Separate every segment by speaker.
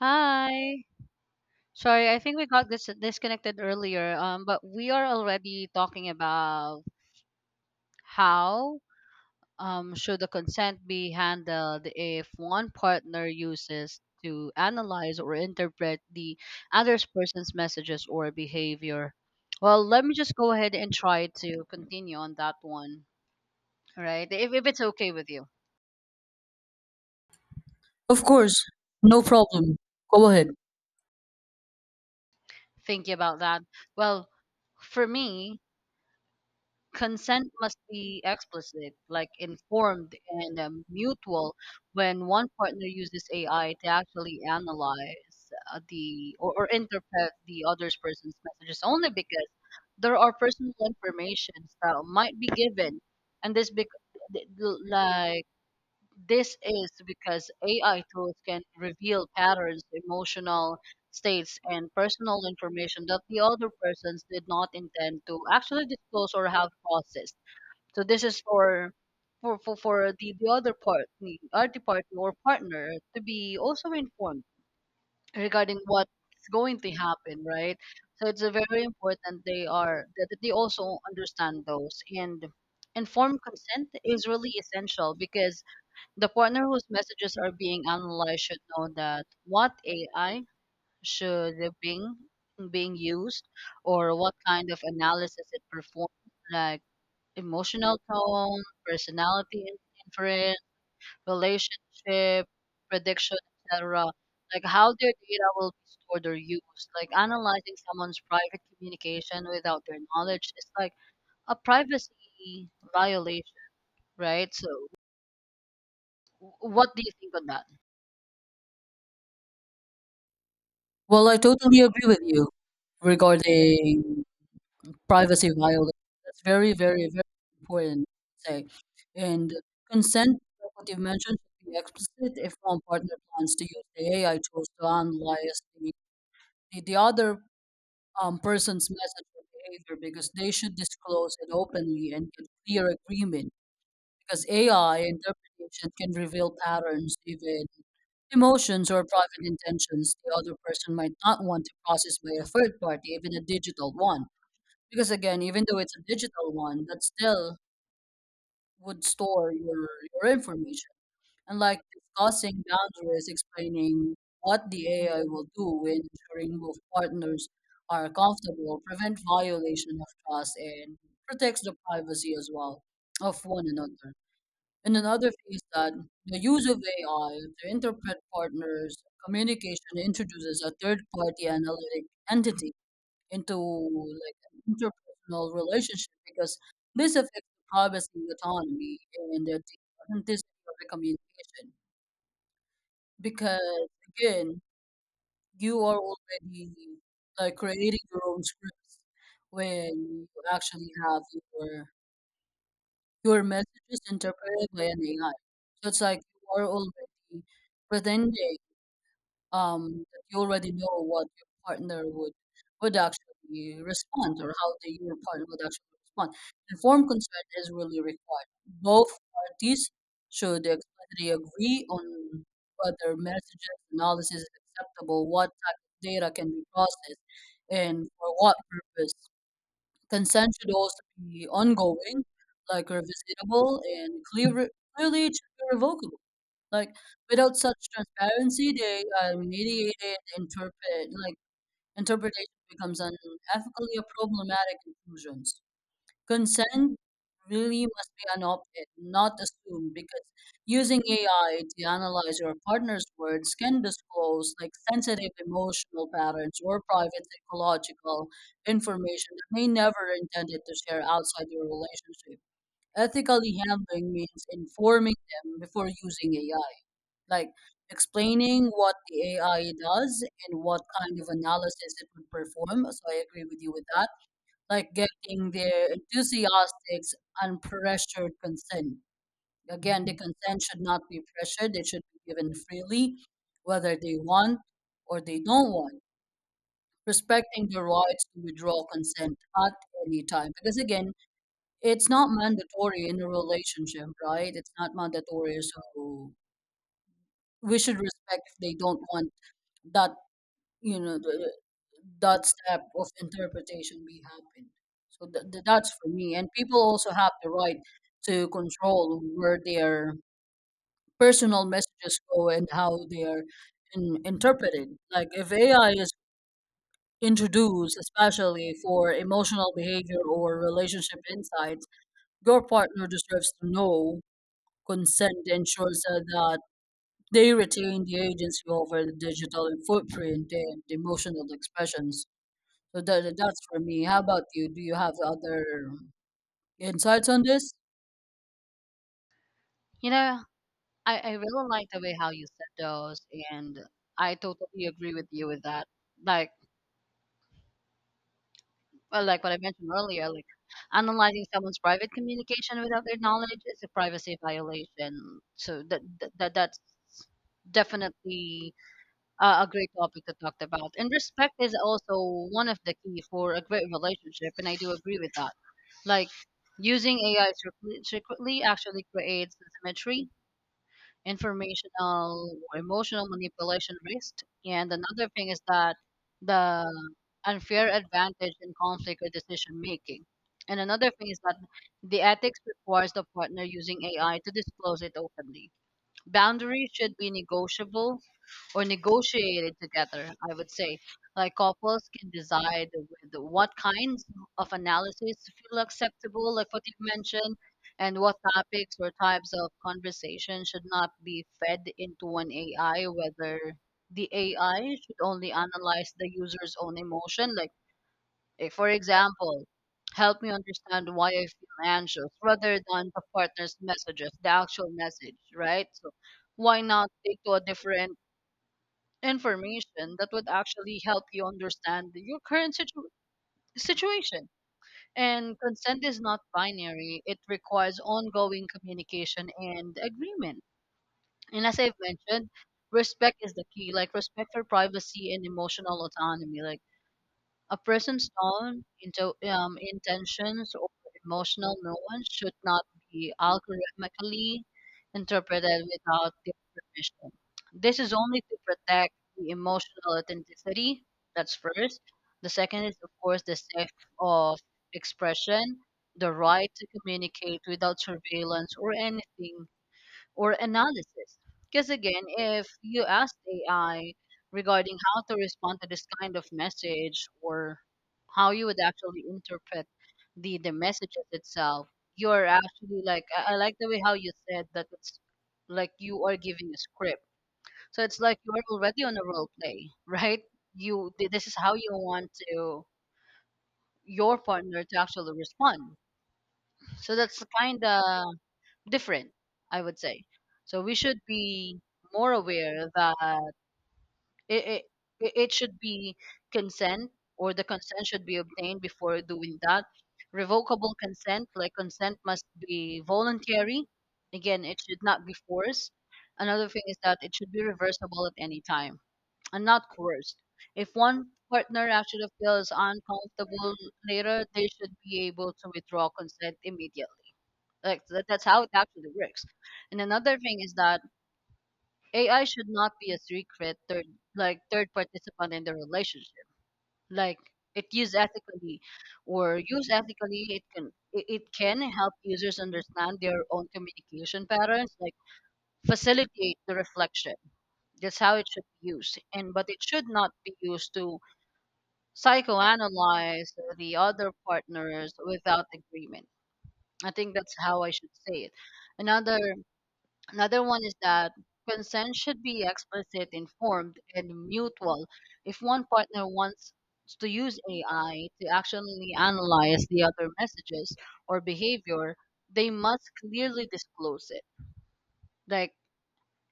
Speaker 1: Hi. Sorry, I think we got disconnected earlier. But we are already talking about how should the consent be handled if one partner uses to analyze or interpret the other person's messages or behavior. Well, let me just go ahead and try to continue on that one, right? If it's okay with you,
Speaker 2: Of course, no problem. Go ahead.
Speaker 1: thinking about that. Well, for me, consent must be explicit, like informed and mutual when one partner uses AI to actually analyze or interpret the other's person's messages only because there are personal informations that might be given and this bec- th- th- like this is because AI tools can reveal patterns, emotional states, and personal information that the other persons did not intend to actually disclose or have processed. So this is for the other party or partner to be also informed regarding what's going to happen, right? So it's a very important they are that they also understand those, and informed consent is really essential because the partner whose messages are being analyzed should know that what AI should being used or what kind of analysis it performs, like emotional tone, personality inference, relationship, prediction, etc. Like how their data will be stored or used. Like analyzing someone's private communication without their knowledge is like a privacy violation, right? So, what do you think on that?
Speaker 2: Well, I totally agree with you regarding privacy violation. That's very, very, very important to say. And consent, like what you mentioned, should be explicit if one partner plans to use the AI tools to analyze the other person's message or behavior because they should disclose it openly and get clear agreement. Because AI interpretation can reveal patterns, even emotions or private intentions the other person might not want to process by a third party, even a digital one. Because again, even though it's a digital one, that still would store your information. And like discussing boundaries, explaining what the AI will do and ensuring both partners are comfortable, prevent violation of trust, and protects the privacy as well of one another. And another thing is that the use of AI to interpret partners' communication introduces a third-party analytic entity into like an interpersonal relationship because this affects the privacy, autonomy, and the authenticity of the communication. Because again, you are already like creating your own scripts when you actually have your your message is interpreted by an AI. So it's like you are already pretending that you already know what your partner would actually respond or how your partner would actually respond. Informed consent is really required. Both parties should explicitly agree on whether messages analysis is acceptable, what type of data can be processed, and for what purpose. Consent should also be ongoing, like revisitable and clearly it should be revocable. Like without such transparency, they are mediated, interpretation becomes unethically a problematic conclusions. Consent really must be unopted, not assumed, because using AI to analyze your partner's words can disclose like sensitive emotional patterns or private psychological information that may never intended to share outside your relationship. Ethically handling means informing them before using AI, like explaining what the AI does and what kind of analysis it would perform. So I agree with you with that like getting their enthusiastic, unpressured consent. Again, the consent should not be pressured, it should be given freely, whether they want or they don't want, respecting the rights to withdraw consent at any time. Because again, it's not mandatory in a relationship, right? It's not mandatory, so we should respect if they don't want that, you know, th- that step of interpretation be happened. So that's for me. And people also have the right to control where their personal messages go and how they are interpreted. Like if AI is introduced, especially for emotional behavior or relationship insights, your partner deserves to know. Consent ensures that they retain the agency over the digital footprint and emotional expressions. So that's for me. How about you? Do you have other insights on this?
Speaker 1: You know, I really like the way how you said those, and I totally agree with you with that. Like, well, like what I mentioned earlier, like analyzing someone's private communication without their knowledge is a privacy violation. So that's definitely a great topic to talk about. And respect is also one of the key for a great relationship, and I do agree with that. Like using AI secretly actually creates symmetry, informational or emotional manipulation risk. And another thing is that the unfair advantage in conflict or decision making. And another thing is that the ethics requires the partner using AI to disclose it openly. Boundaries should be negotiable or negotiated together, I would say. Like couples can decide with what kinds of analysis feel acceptable, like what you've mentioned, and what topics or types of conversation should not be fed into an AI, whether the AI should only analyze the user's own emotion. Like, eh, for example, help me understand why I feel anxious rather than the partner's messages, the actual message, right? So, why not take to a different information that would actually help you understand your current situation. And consent is not binary, it requires ongoing communication and agreement. And as I've mentioned, respect is the key, like respect for privacy and emotional autonomy. Like a person's tone, intentions, or emotional nuance should not be algorithmically interpreted without their permission. This is only to protect the emotional authenticity. That's first. The second is, of course, the safe of expression, the right to communicate without surveillance or anything or analysis. Because again, if you ask AI regarding how to respond to this kind of message or how you would actually interpret the messages itself, you're actually like I like the way how you said that, it's like you are giving a script. So it's like you are already on a role play, right? This is how you want to your partner to actually respond. So that's kind of different, I would say. So we should be more aware that it, it, it should be consent or the consent should be obtained before doing that. Revocable consent, like consent must be voluntary. Again, it should not be forced. Another thing is that it should be reversible at any time and not coerced. If one partner actually feels uncomfortable later, they should be able to withdraw consent immediately. Like that, that's how it actually works. And another thing is that AI should not be a secret third, like third participant in the relationship. Like it used ethically or used ethically, it can, it can help users understand their own communication patterns, like facilitate the reflection. That's how it should be used. And but it should not be used to psychoanalyze the other partners without agreement. I think that's how I should say it. Another Another one is that consent should be explicit, informed, and mutual. If one partner wants to use AI to actually analyze the other messages or behavior, they must clearly disclose it, like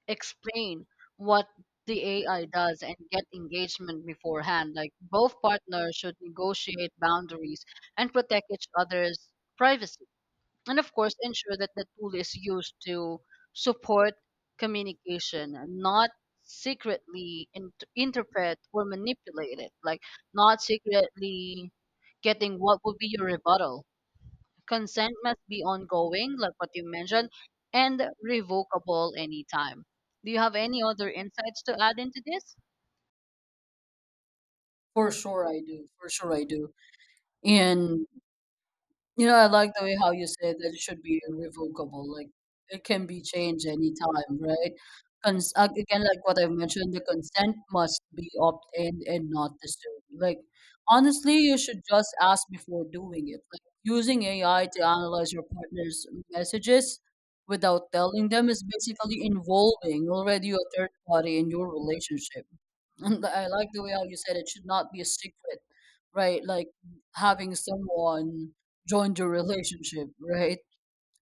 Speaker 1: explain what the AI does and get engagement beforehand. Like both partners should negotiate boundaries and protect each other's privacy, and of course ensure that the tool is used to support communication, not secretly interpret or manipulate it, like not secretly getting what would be your rebuttal. Consent must be ongoing, like what you mentioned, and revocable anytime. Do you have any other insights to add into this?
Speaker 2: For sure I do. For sure I do. And I like the way how you said that it should be irrevocable, like it can be changed anytime, right? Again, like what I have mentioned, the consent must be opt in and not disturbed. Like, honestly, you should just ask before doing it. Like, using AI to analyze your partner's messages without telling them is basically involving already a third party in your relationship. And I like the way how you said it should not be a secret, right? Like having someone join your relationship, right?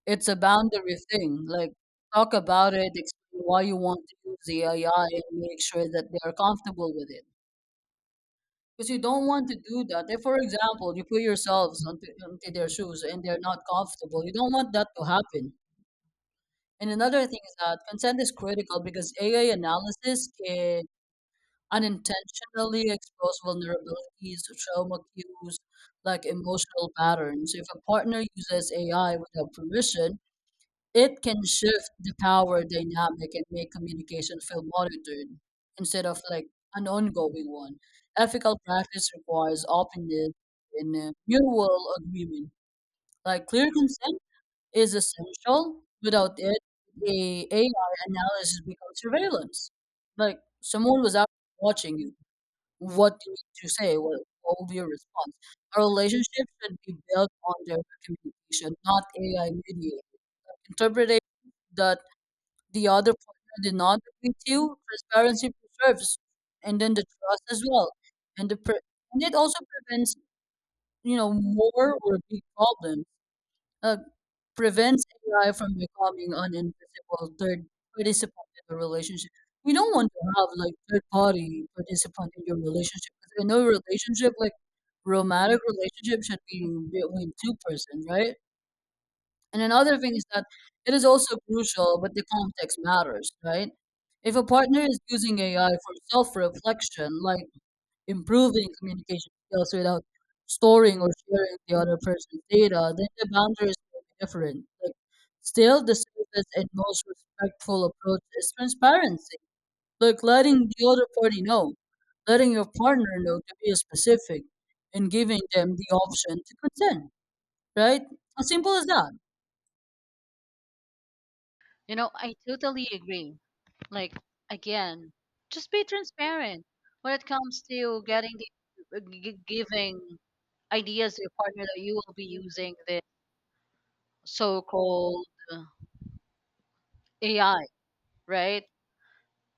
Speaker 2: It's a boundary thing. Like talk about it, explain why you want to use the AI and make sure that they are comfortable with it. Because you don't want to do that. If, for example, you put yourselves onto their shoes and they're not comfortable, you don't want that to happen. And another thing is that consent is critical because AI analysis can unintentionally expose vulnerabilities, trauma cues, like emotional patterns. If a partner uses AI without permission, it can shift the power dynamic and make communication feel monitored instead of like an ongoing one. Ethical practice requires openness and mutual agreement. Like clear consent is essential. Without it, the AI analysis becomes surveillance. Like someone was out watching you, what do you need to say? What will be your response? A relationship should be built on direct communication, not AI mediated. Interpretation that the other partner did not agree with you, transparency preserves, and then the trust as well, and the pre- and it also prevents more or big problems uh, prevents AI from becoming an invisible third participant in a relationship. You don't want to have like third party participant in your relationship because in a relationship, like romantic relationship, should be between two-person, right? And another thing is that it is also crucial, but the context matters, right? If a partner is using AI for self reflection, like improving communication skills without storing or sharing the other person's data, then the boundaries will be different. Like, still, the safest and most respectful approach is transparency. Like, letting the other party know, letting your partner know to be specific, and giving them the option to consent, right? As simple as that.
Speaker 1: You know, I totally agree. Like again, just be transparent when it comes to getting the giving ideas to your partner that you will be using the so-called uh, AI, right?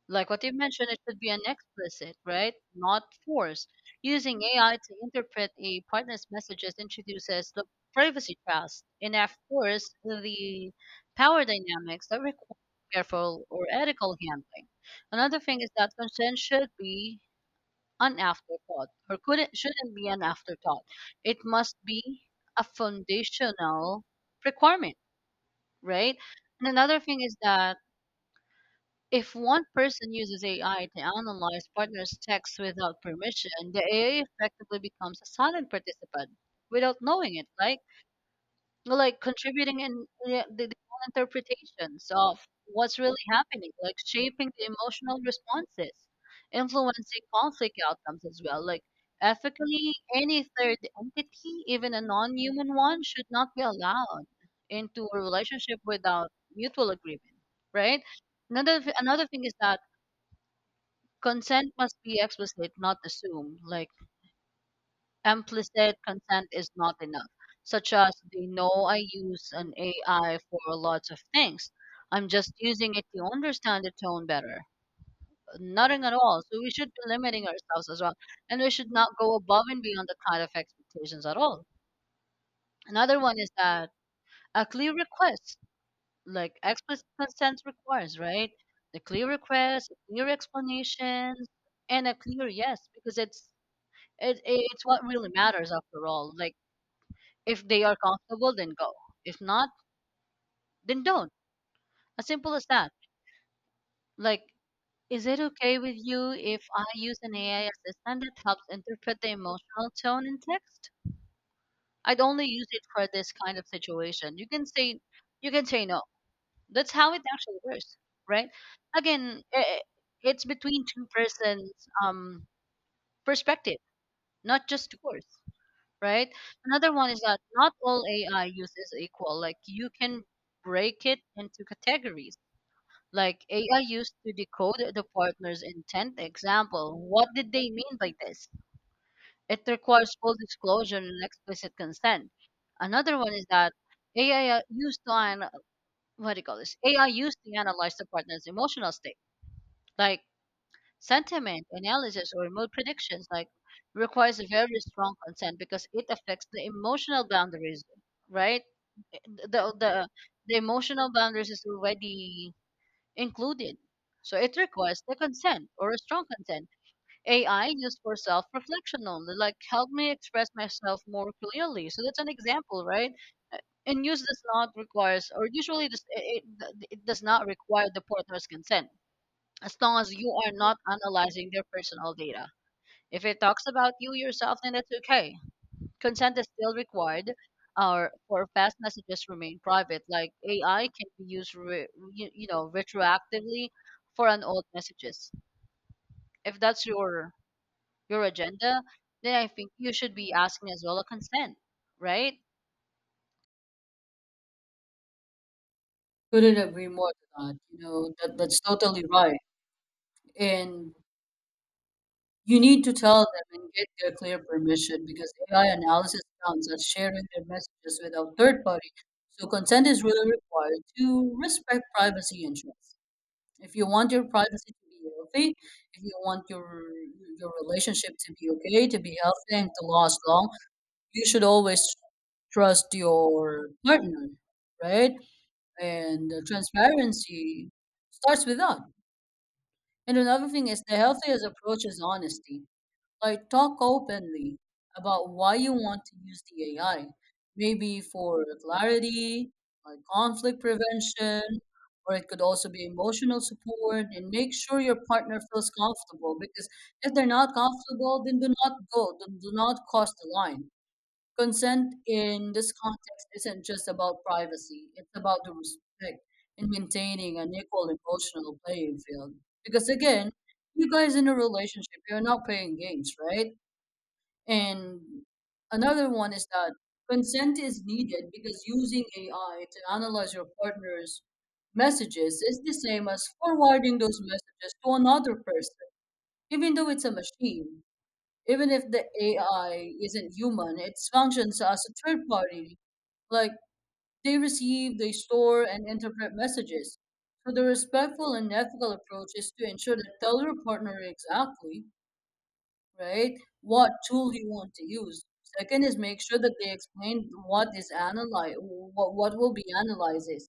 Speaker 1: Like what you mentioned, it should be an explicit, right? Not forced. Using AI to interpret a partner's messages introduces the privacy, trust, and of course the power dynamics that require careful or ethical handling. Another thing is that consent should be an afterthought, or could, it shouldn't be an afterthought. It must be a foundational requirement, right? And another thing is that if one person uses AI to analyze partners' texts without permission, the AI effectively becomes a silent participant without knowing it, like contributing in the own interpretations of what's really happening, like shaping the emotional responses, influencing conflict outcomes as well. Like ethically, any third entity, even a non-human one, should not be allowed into a relationship without mutual agreement, right? Another thing is that consent must be explicit, not assumed. Like implicit consent is not enough, such as they know I use an AI for lots of things. I'm just using it to understand the tone better. Nothing at all. So we should be limiting ourselves as well. And we should not go above and beyond the kind of expectations at all. Another one is that a clear request, like explicit consent requires, right? The clear request, clear explanations, and a clear yes, because it's, It it's what really matters after all. Like if they are comfortable, then go. If not, then don't. As simple as that. Like, is it okay with you if I use an AI assistant that helps interpret the emotional tone in text? I'd only use it for this kind of situation. You can say, you can say no. That's how it actually works, right? Again, it's between two persons' um perspective, not just yours, right? Another one is that not all AI use is equal. Like you can break it into categories. Like AI used to decode the partner's intent. Example, what did they mean by this? It requires full disclosure and explicit consent. Another one is that AI used to an, what do you call this? AI used to analyze the partner's emotional state. Like sentiment analysis or mood predictions, like requires a very strong consent because it affects the emotional boundaries, right? The the the emotional boundaries is already included. So it requires the consent or a strong consent. AI used for self reflection only, like help me express myself more clearly. So that's an example, right? Uh, and use does not requires, or usually this, it does not require the partner's consent as long as you are not analyzing their personal data. If it talks about you yourself, then that's okay. Consent is still required. Or for fast messages remain private. Like AI can be used, retroactively for an old messages. If that's your agenda, then I think you should be asking as well a consent, right?
Speaker 2: Couldn't agree more to that. You know, that's totally right. And you need to tell them and get their clear permission because AI analysis counts as sharing their messages without third party. So consent is really required to respect privacy interests. If you want your privacy to be healthy, if you want your relationship to be okay, to be healthy and to last long, you should always trust your partner, right? And transparency starts with that. And another thing is the healthiest approach is honesty. Like talk openly about why you want to use the AI. Maybe for clarity, like conflict prevention, or it could also be emotional support and make sure your partner feels comfortable because if they're not comfortable, then do not cross the line. Consent in this context isn't just about privacy, it's about the respect and maintaining an equal emotional playing field. Because again, you guys in a relationship, you're not playing games, right? And another one is that consent is needed because using AI to analyze your partner's messages is the same as forwarding those messages to another person, even though it's a machine. Even if the AI isn't human, it functions as a third party. Like they receive, they store, and interpret messages. So the respectful and ethical approach is to ensure that tell your partner exactly, right? What tool you want to use. Second is make sure that they explain what is analyze, what will be analyzed is.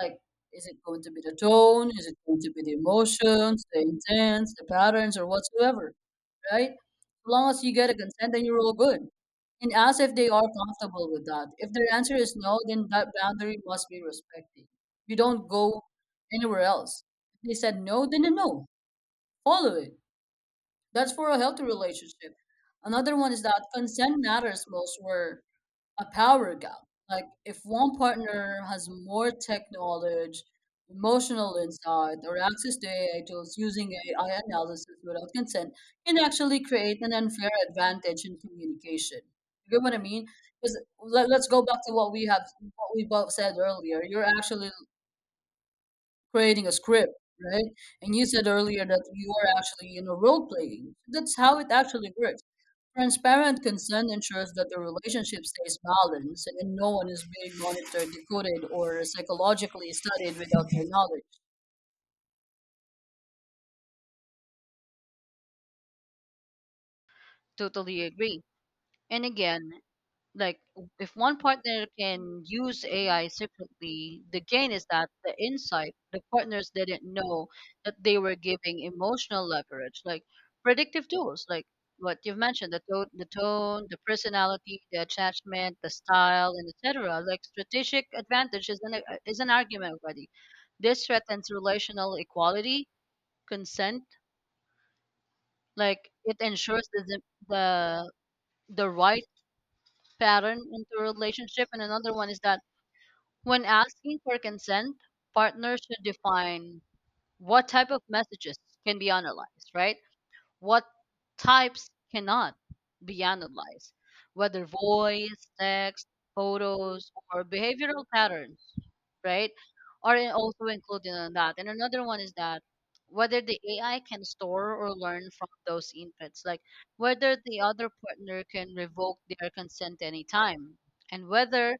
Speaker 2: Like, is it going to be the tone? Is it going to be the emotions, the intents, the patterns, or whatsoever, right? As long as you get a consent, then you're all good. And ask if they are comfortable with that. If their answer is no, then that boundary must be respected. You don't go anywhere else. If they said no, then a no. Follow it. That's for a healthy relationship. Another one is that consent matters most where a power gap. Like if one partner has more tech knowledge, emotional insight, or access to AI tools using AI analysis without consent can actually create an unfair advantage in communication. You get what I mean? Because let's go back to what we have, what we both said earlier. You're actually creating a script, right? And you said earlier that you are actually, role playing. That's how it actually works. Transparent consent ensures that the relationship stays balanced and no one is being monitored, decoded, or psychologically studied without their knowledge.
Speaker 1: Totally agree. And again, like if one partner can use AI secretly, the gain is that the insight the partners didn't know that they were giving emotional leverage, like predictive tools, like what you've mentioned, the tone, the tone, the personality, the attachment, the style, and etc. Like strategic advantage is an, is an argument already. This threatens relational equality, consent. Like it ensures the the right pattern into a relationship, and another one is that when asking for consent, partners should define what type of messages can be analyzed, right? What types cannot be analyzed, whether voice, text, photos, or behavioral patterns, right? Are also included in that. And another one is that whether the AI can store or learn from those inputs, like whether the other partner can revoke their consent anytime, and whether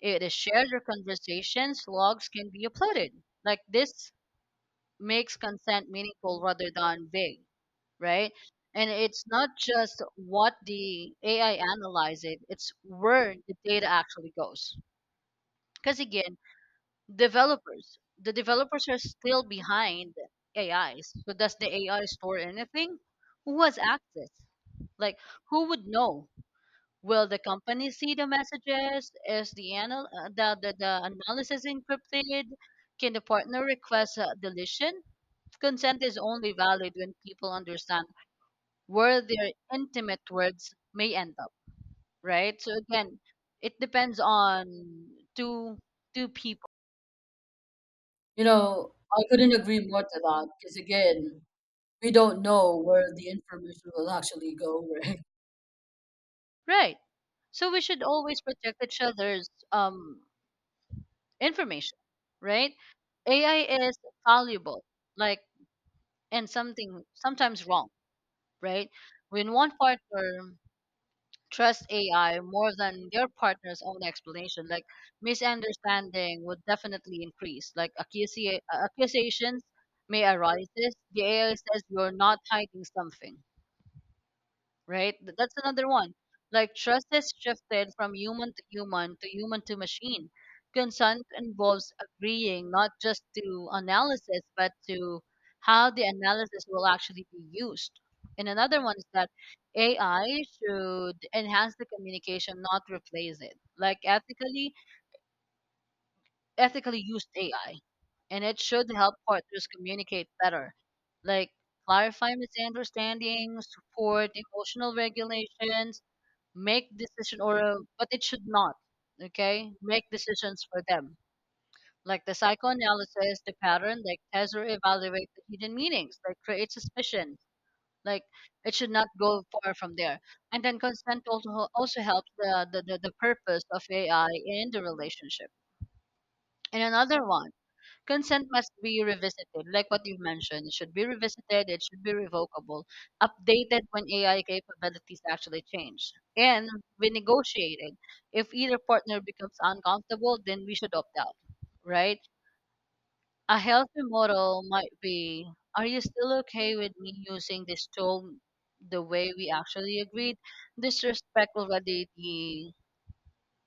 Speaker 1: it is shared or conversations, logs can be uploaded. Like this makes consent meaningful rather than vague, right? And it's not just what the AI analyzes, it's where the data actually goes. Because again, the developers are still behind AIs. So does the AI store anything? Who has access? Like who would know? Will the company see the messages? Is the analysis encrypted? Can the partner request a deletion? Consent is only valid when people understand where their intimate words may end up, right? So again, it depends on two two people,
Speaker 2: I couldn't agree more to that because, again, we don't know where the information will actually go, right?
Speaker 1: right? So we should always protect each other's information, right? AI is valuable, like, and something sometimes wrong, right? When one partner trusts AI more than their partner's own explanation, like misunderstanding would definitely increase. Like accusations may arise. The AI says you're not hiding something, right? That's another one. Like trust is shifted from human to machine. Consent involves agreeing not just to analysis, but to how the analysis will actually be used. And another one is that AI should enhance the communication, not replace it. Like ethically used AI, and it should help partners communicate better, like clarify misunderstandings, support emotional regulations, make decision or but it should not okay make decisions for them, like the psychoanalysis, the pattern, like test or evaluate the hidden meanings, like create suspicion, like it should not go far from there. And then consent also helps the purpose of AI in the relationship. And another one, consent must be revisited, like what you mentioned. It should be revisited, it should be revocable, updated when AI capabilities actually change, and renegotiated. If either partner becomes uncomfortable, then we should opt out, right? A healthy model might be, are you still okay with me using this tool the way we actually agreed? Disrespect already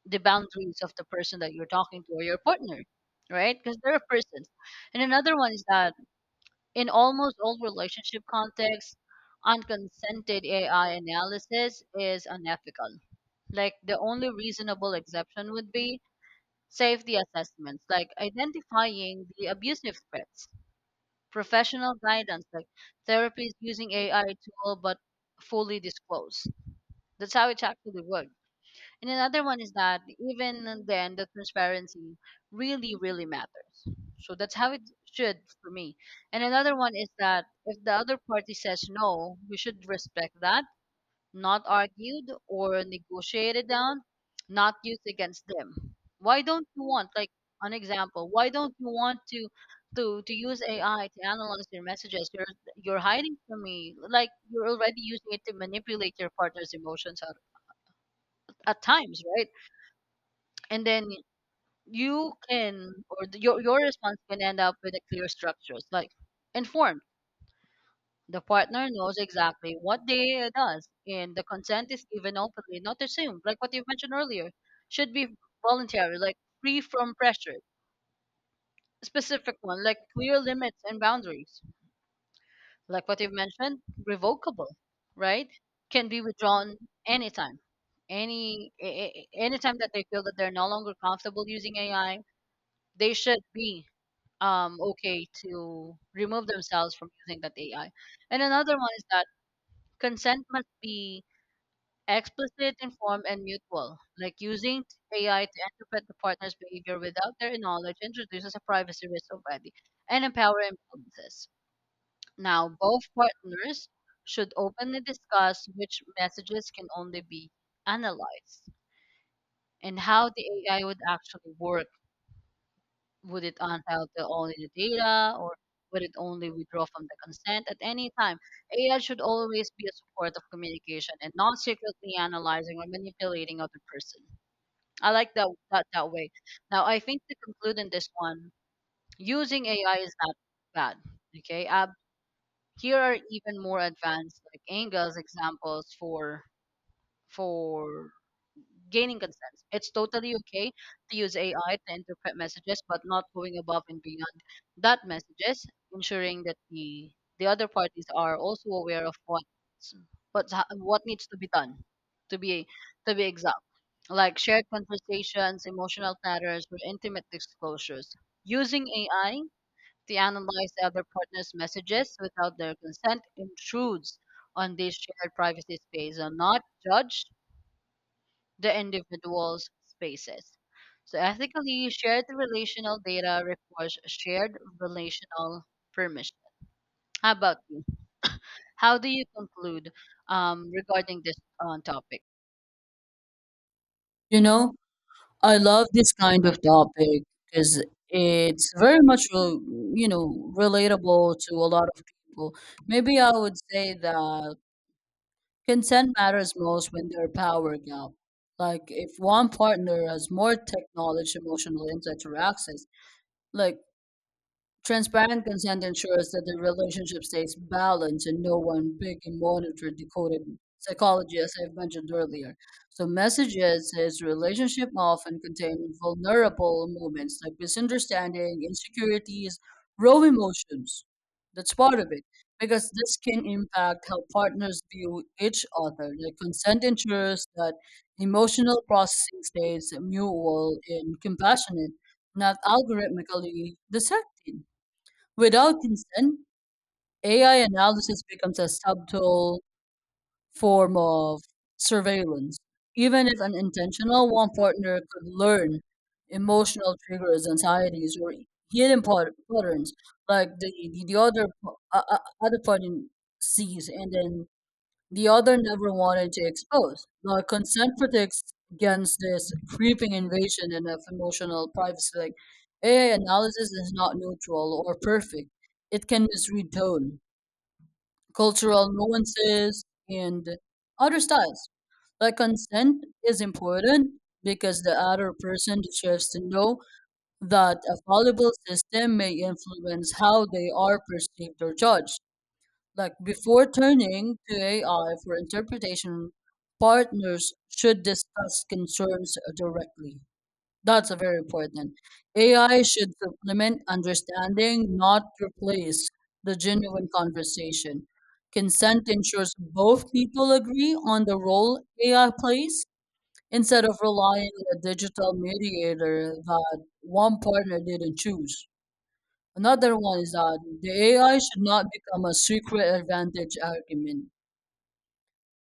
Speaker 1: the boundaries of the person that you're talking to or your partner, right? Because they're persons. And another one is that in almost all relationship contexts, unconsented AI analysis is unethical. Like the only reasonable exception would be safety assessments, like identifying the abusive threats, professional guidance, like therapies using AI tool but fully disclosed. That's how it actually works. And another one is that even then, the transparency really, really matters. So that's how it should for me. And another one is that if the other party says no, we should respect that, not argued or negotiated down, not used against them. Why don't you want, like an example, why don't you want to use AI to analyze your messages? You're hiding from me, like you're already using it to manipulate your partner's emotions at times, right? And then you can, or the, your response can end up with a clear structure. It's like informed. The partner knows exactly what they does, and the consent is given openly, not assumed. Like what you mentioned earlier, should be voluntary, like free from pressure. Specific one, like clear limits and boundaries. Like what you've mentioned, revocable, right? Can be withdrawn anytime, anytime that they feel that they're no longer comfortable using AI. They should be okay to remove themselves from using that AI. And another one is that consent must be explicit, informed, and mutual. Like using AI to interpret the partner's behavior without their knowledge introduces a privacy risk already and empower imbalances. Now, both partners should openly discuss which messages can only be analyzed and how the AI would actually work. Would it unfile the only the data, or would it only withdraw from the consent at any time? AI should always be a support of communication and not secretly analyzing or manipulating other person. I like that way. Now I think to conclude in this one, using AI is not bad. Okay. Here are even more advanced like Engel's examples for for gaining consent. It's totally okay to use AI to interpret messages, but not going above and beyond that messages, ensuring that the other parties are also aware of what needs to be done, to be to be exact. Like shared conversations, emotional matters, or intimate disclosures. Using AI to analyze the other partner's messages without their consent intrudes on this shared privacy space and not judge the individual's spaces. So ethically, shared relational data requires shared relational permission. How about you? How do you conclude regarding this topic?
Speaker 2: You know, I love this kind of topic because it's very much, relatable to a lot of people. Maybe I would say that consent matters most when there are power gap. Like if one partner has more tech knowledge, emotional insight, or access, like transparent consent ensures that the relationship stays balanced and no one big and monitor decoded psychology, as I've mentioned earlier. So messages is relationship often contain vulnerable moments like misunderstanding, insecurities, raw emotions. That's part of it. Because this can impact how partners view each other. Like consent ensures that emotional processing stays mutual and compassionate, not algorithmically dissected. Without consent, AI analysis becomes a subtle form of surveillance. Even if unintentional, one partner could learn emotional triggers, anxieties, or hidden patterns like the other party sees and then the other never wanted to expose. The consent protects against this creeping invasion and of emotional privacy. Like AI analysis is not neutral or perfect. It can misread tone, cultural nuances, and other styles. Like consent is important because the other person deserves to know that a fallible system may influence how they are perceived or judged. Like before turning to AI for interpretation, partners should discuss concerns directly. That's a very important. AI should supplement understanding, not replace the genuine conversation. Consent ensures both people agree on the role AI plays instead of relying on a digital mediator that one partner didn't choose. Another one is that the AI should not become a secret advantage argument.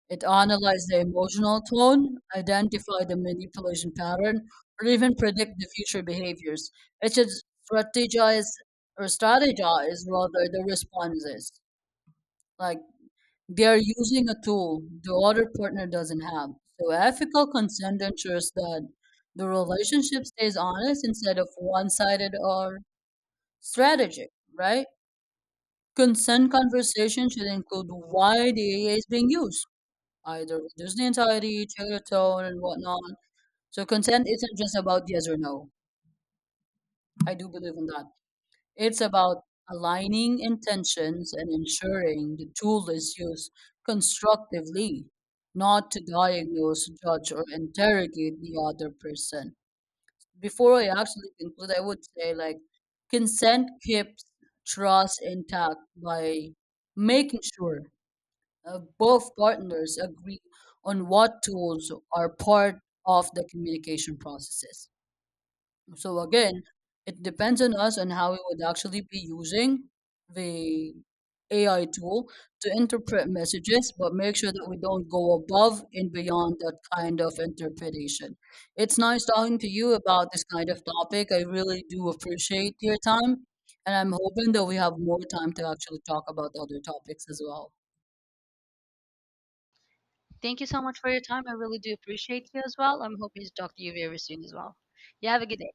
Speaker 2: It analyzes the emotional tone, identify the manipulation pattern, or even predict the future behaviors. It should strategize strategize rather the responses. Like they are using a tool the other partner doesn't have. So ethical consent ensures that the relationship stays honest instead of one sided or strategic, right? Consent conversation should include why the A is being used, either reduce the anxiety, check the tone, and whatnot. So consent isn't just about yes or no. I do believe in that. It's about aligning intentions and ensuring the tool is used constructively, not to diagnose, judge, or interrogate the other person. Before I actually conclude, I would say like consent keeps trust intact by making sure both partners agree on what tools are part of the communication processes. So again, it depends on us on how we would actually be using the AI tool to interpret messages, but make sure that we don't go above and beyond that kind of interpretation. It's nice talking to you about this kind of topic. I really do appreciate your time, and I'm hoping that we have more time to actually talk about other topics as well.
Speaker 1: Thank you so much for your time. I really do appreciate you as well. I'm hoping to talk to you very soon as well. You have a good day.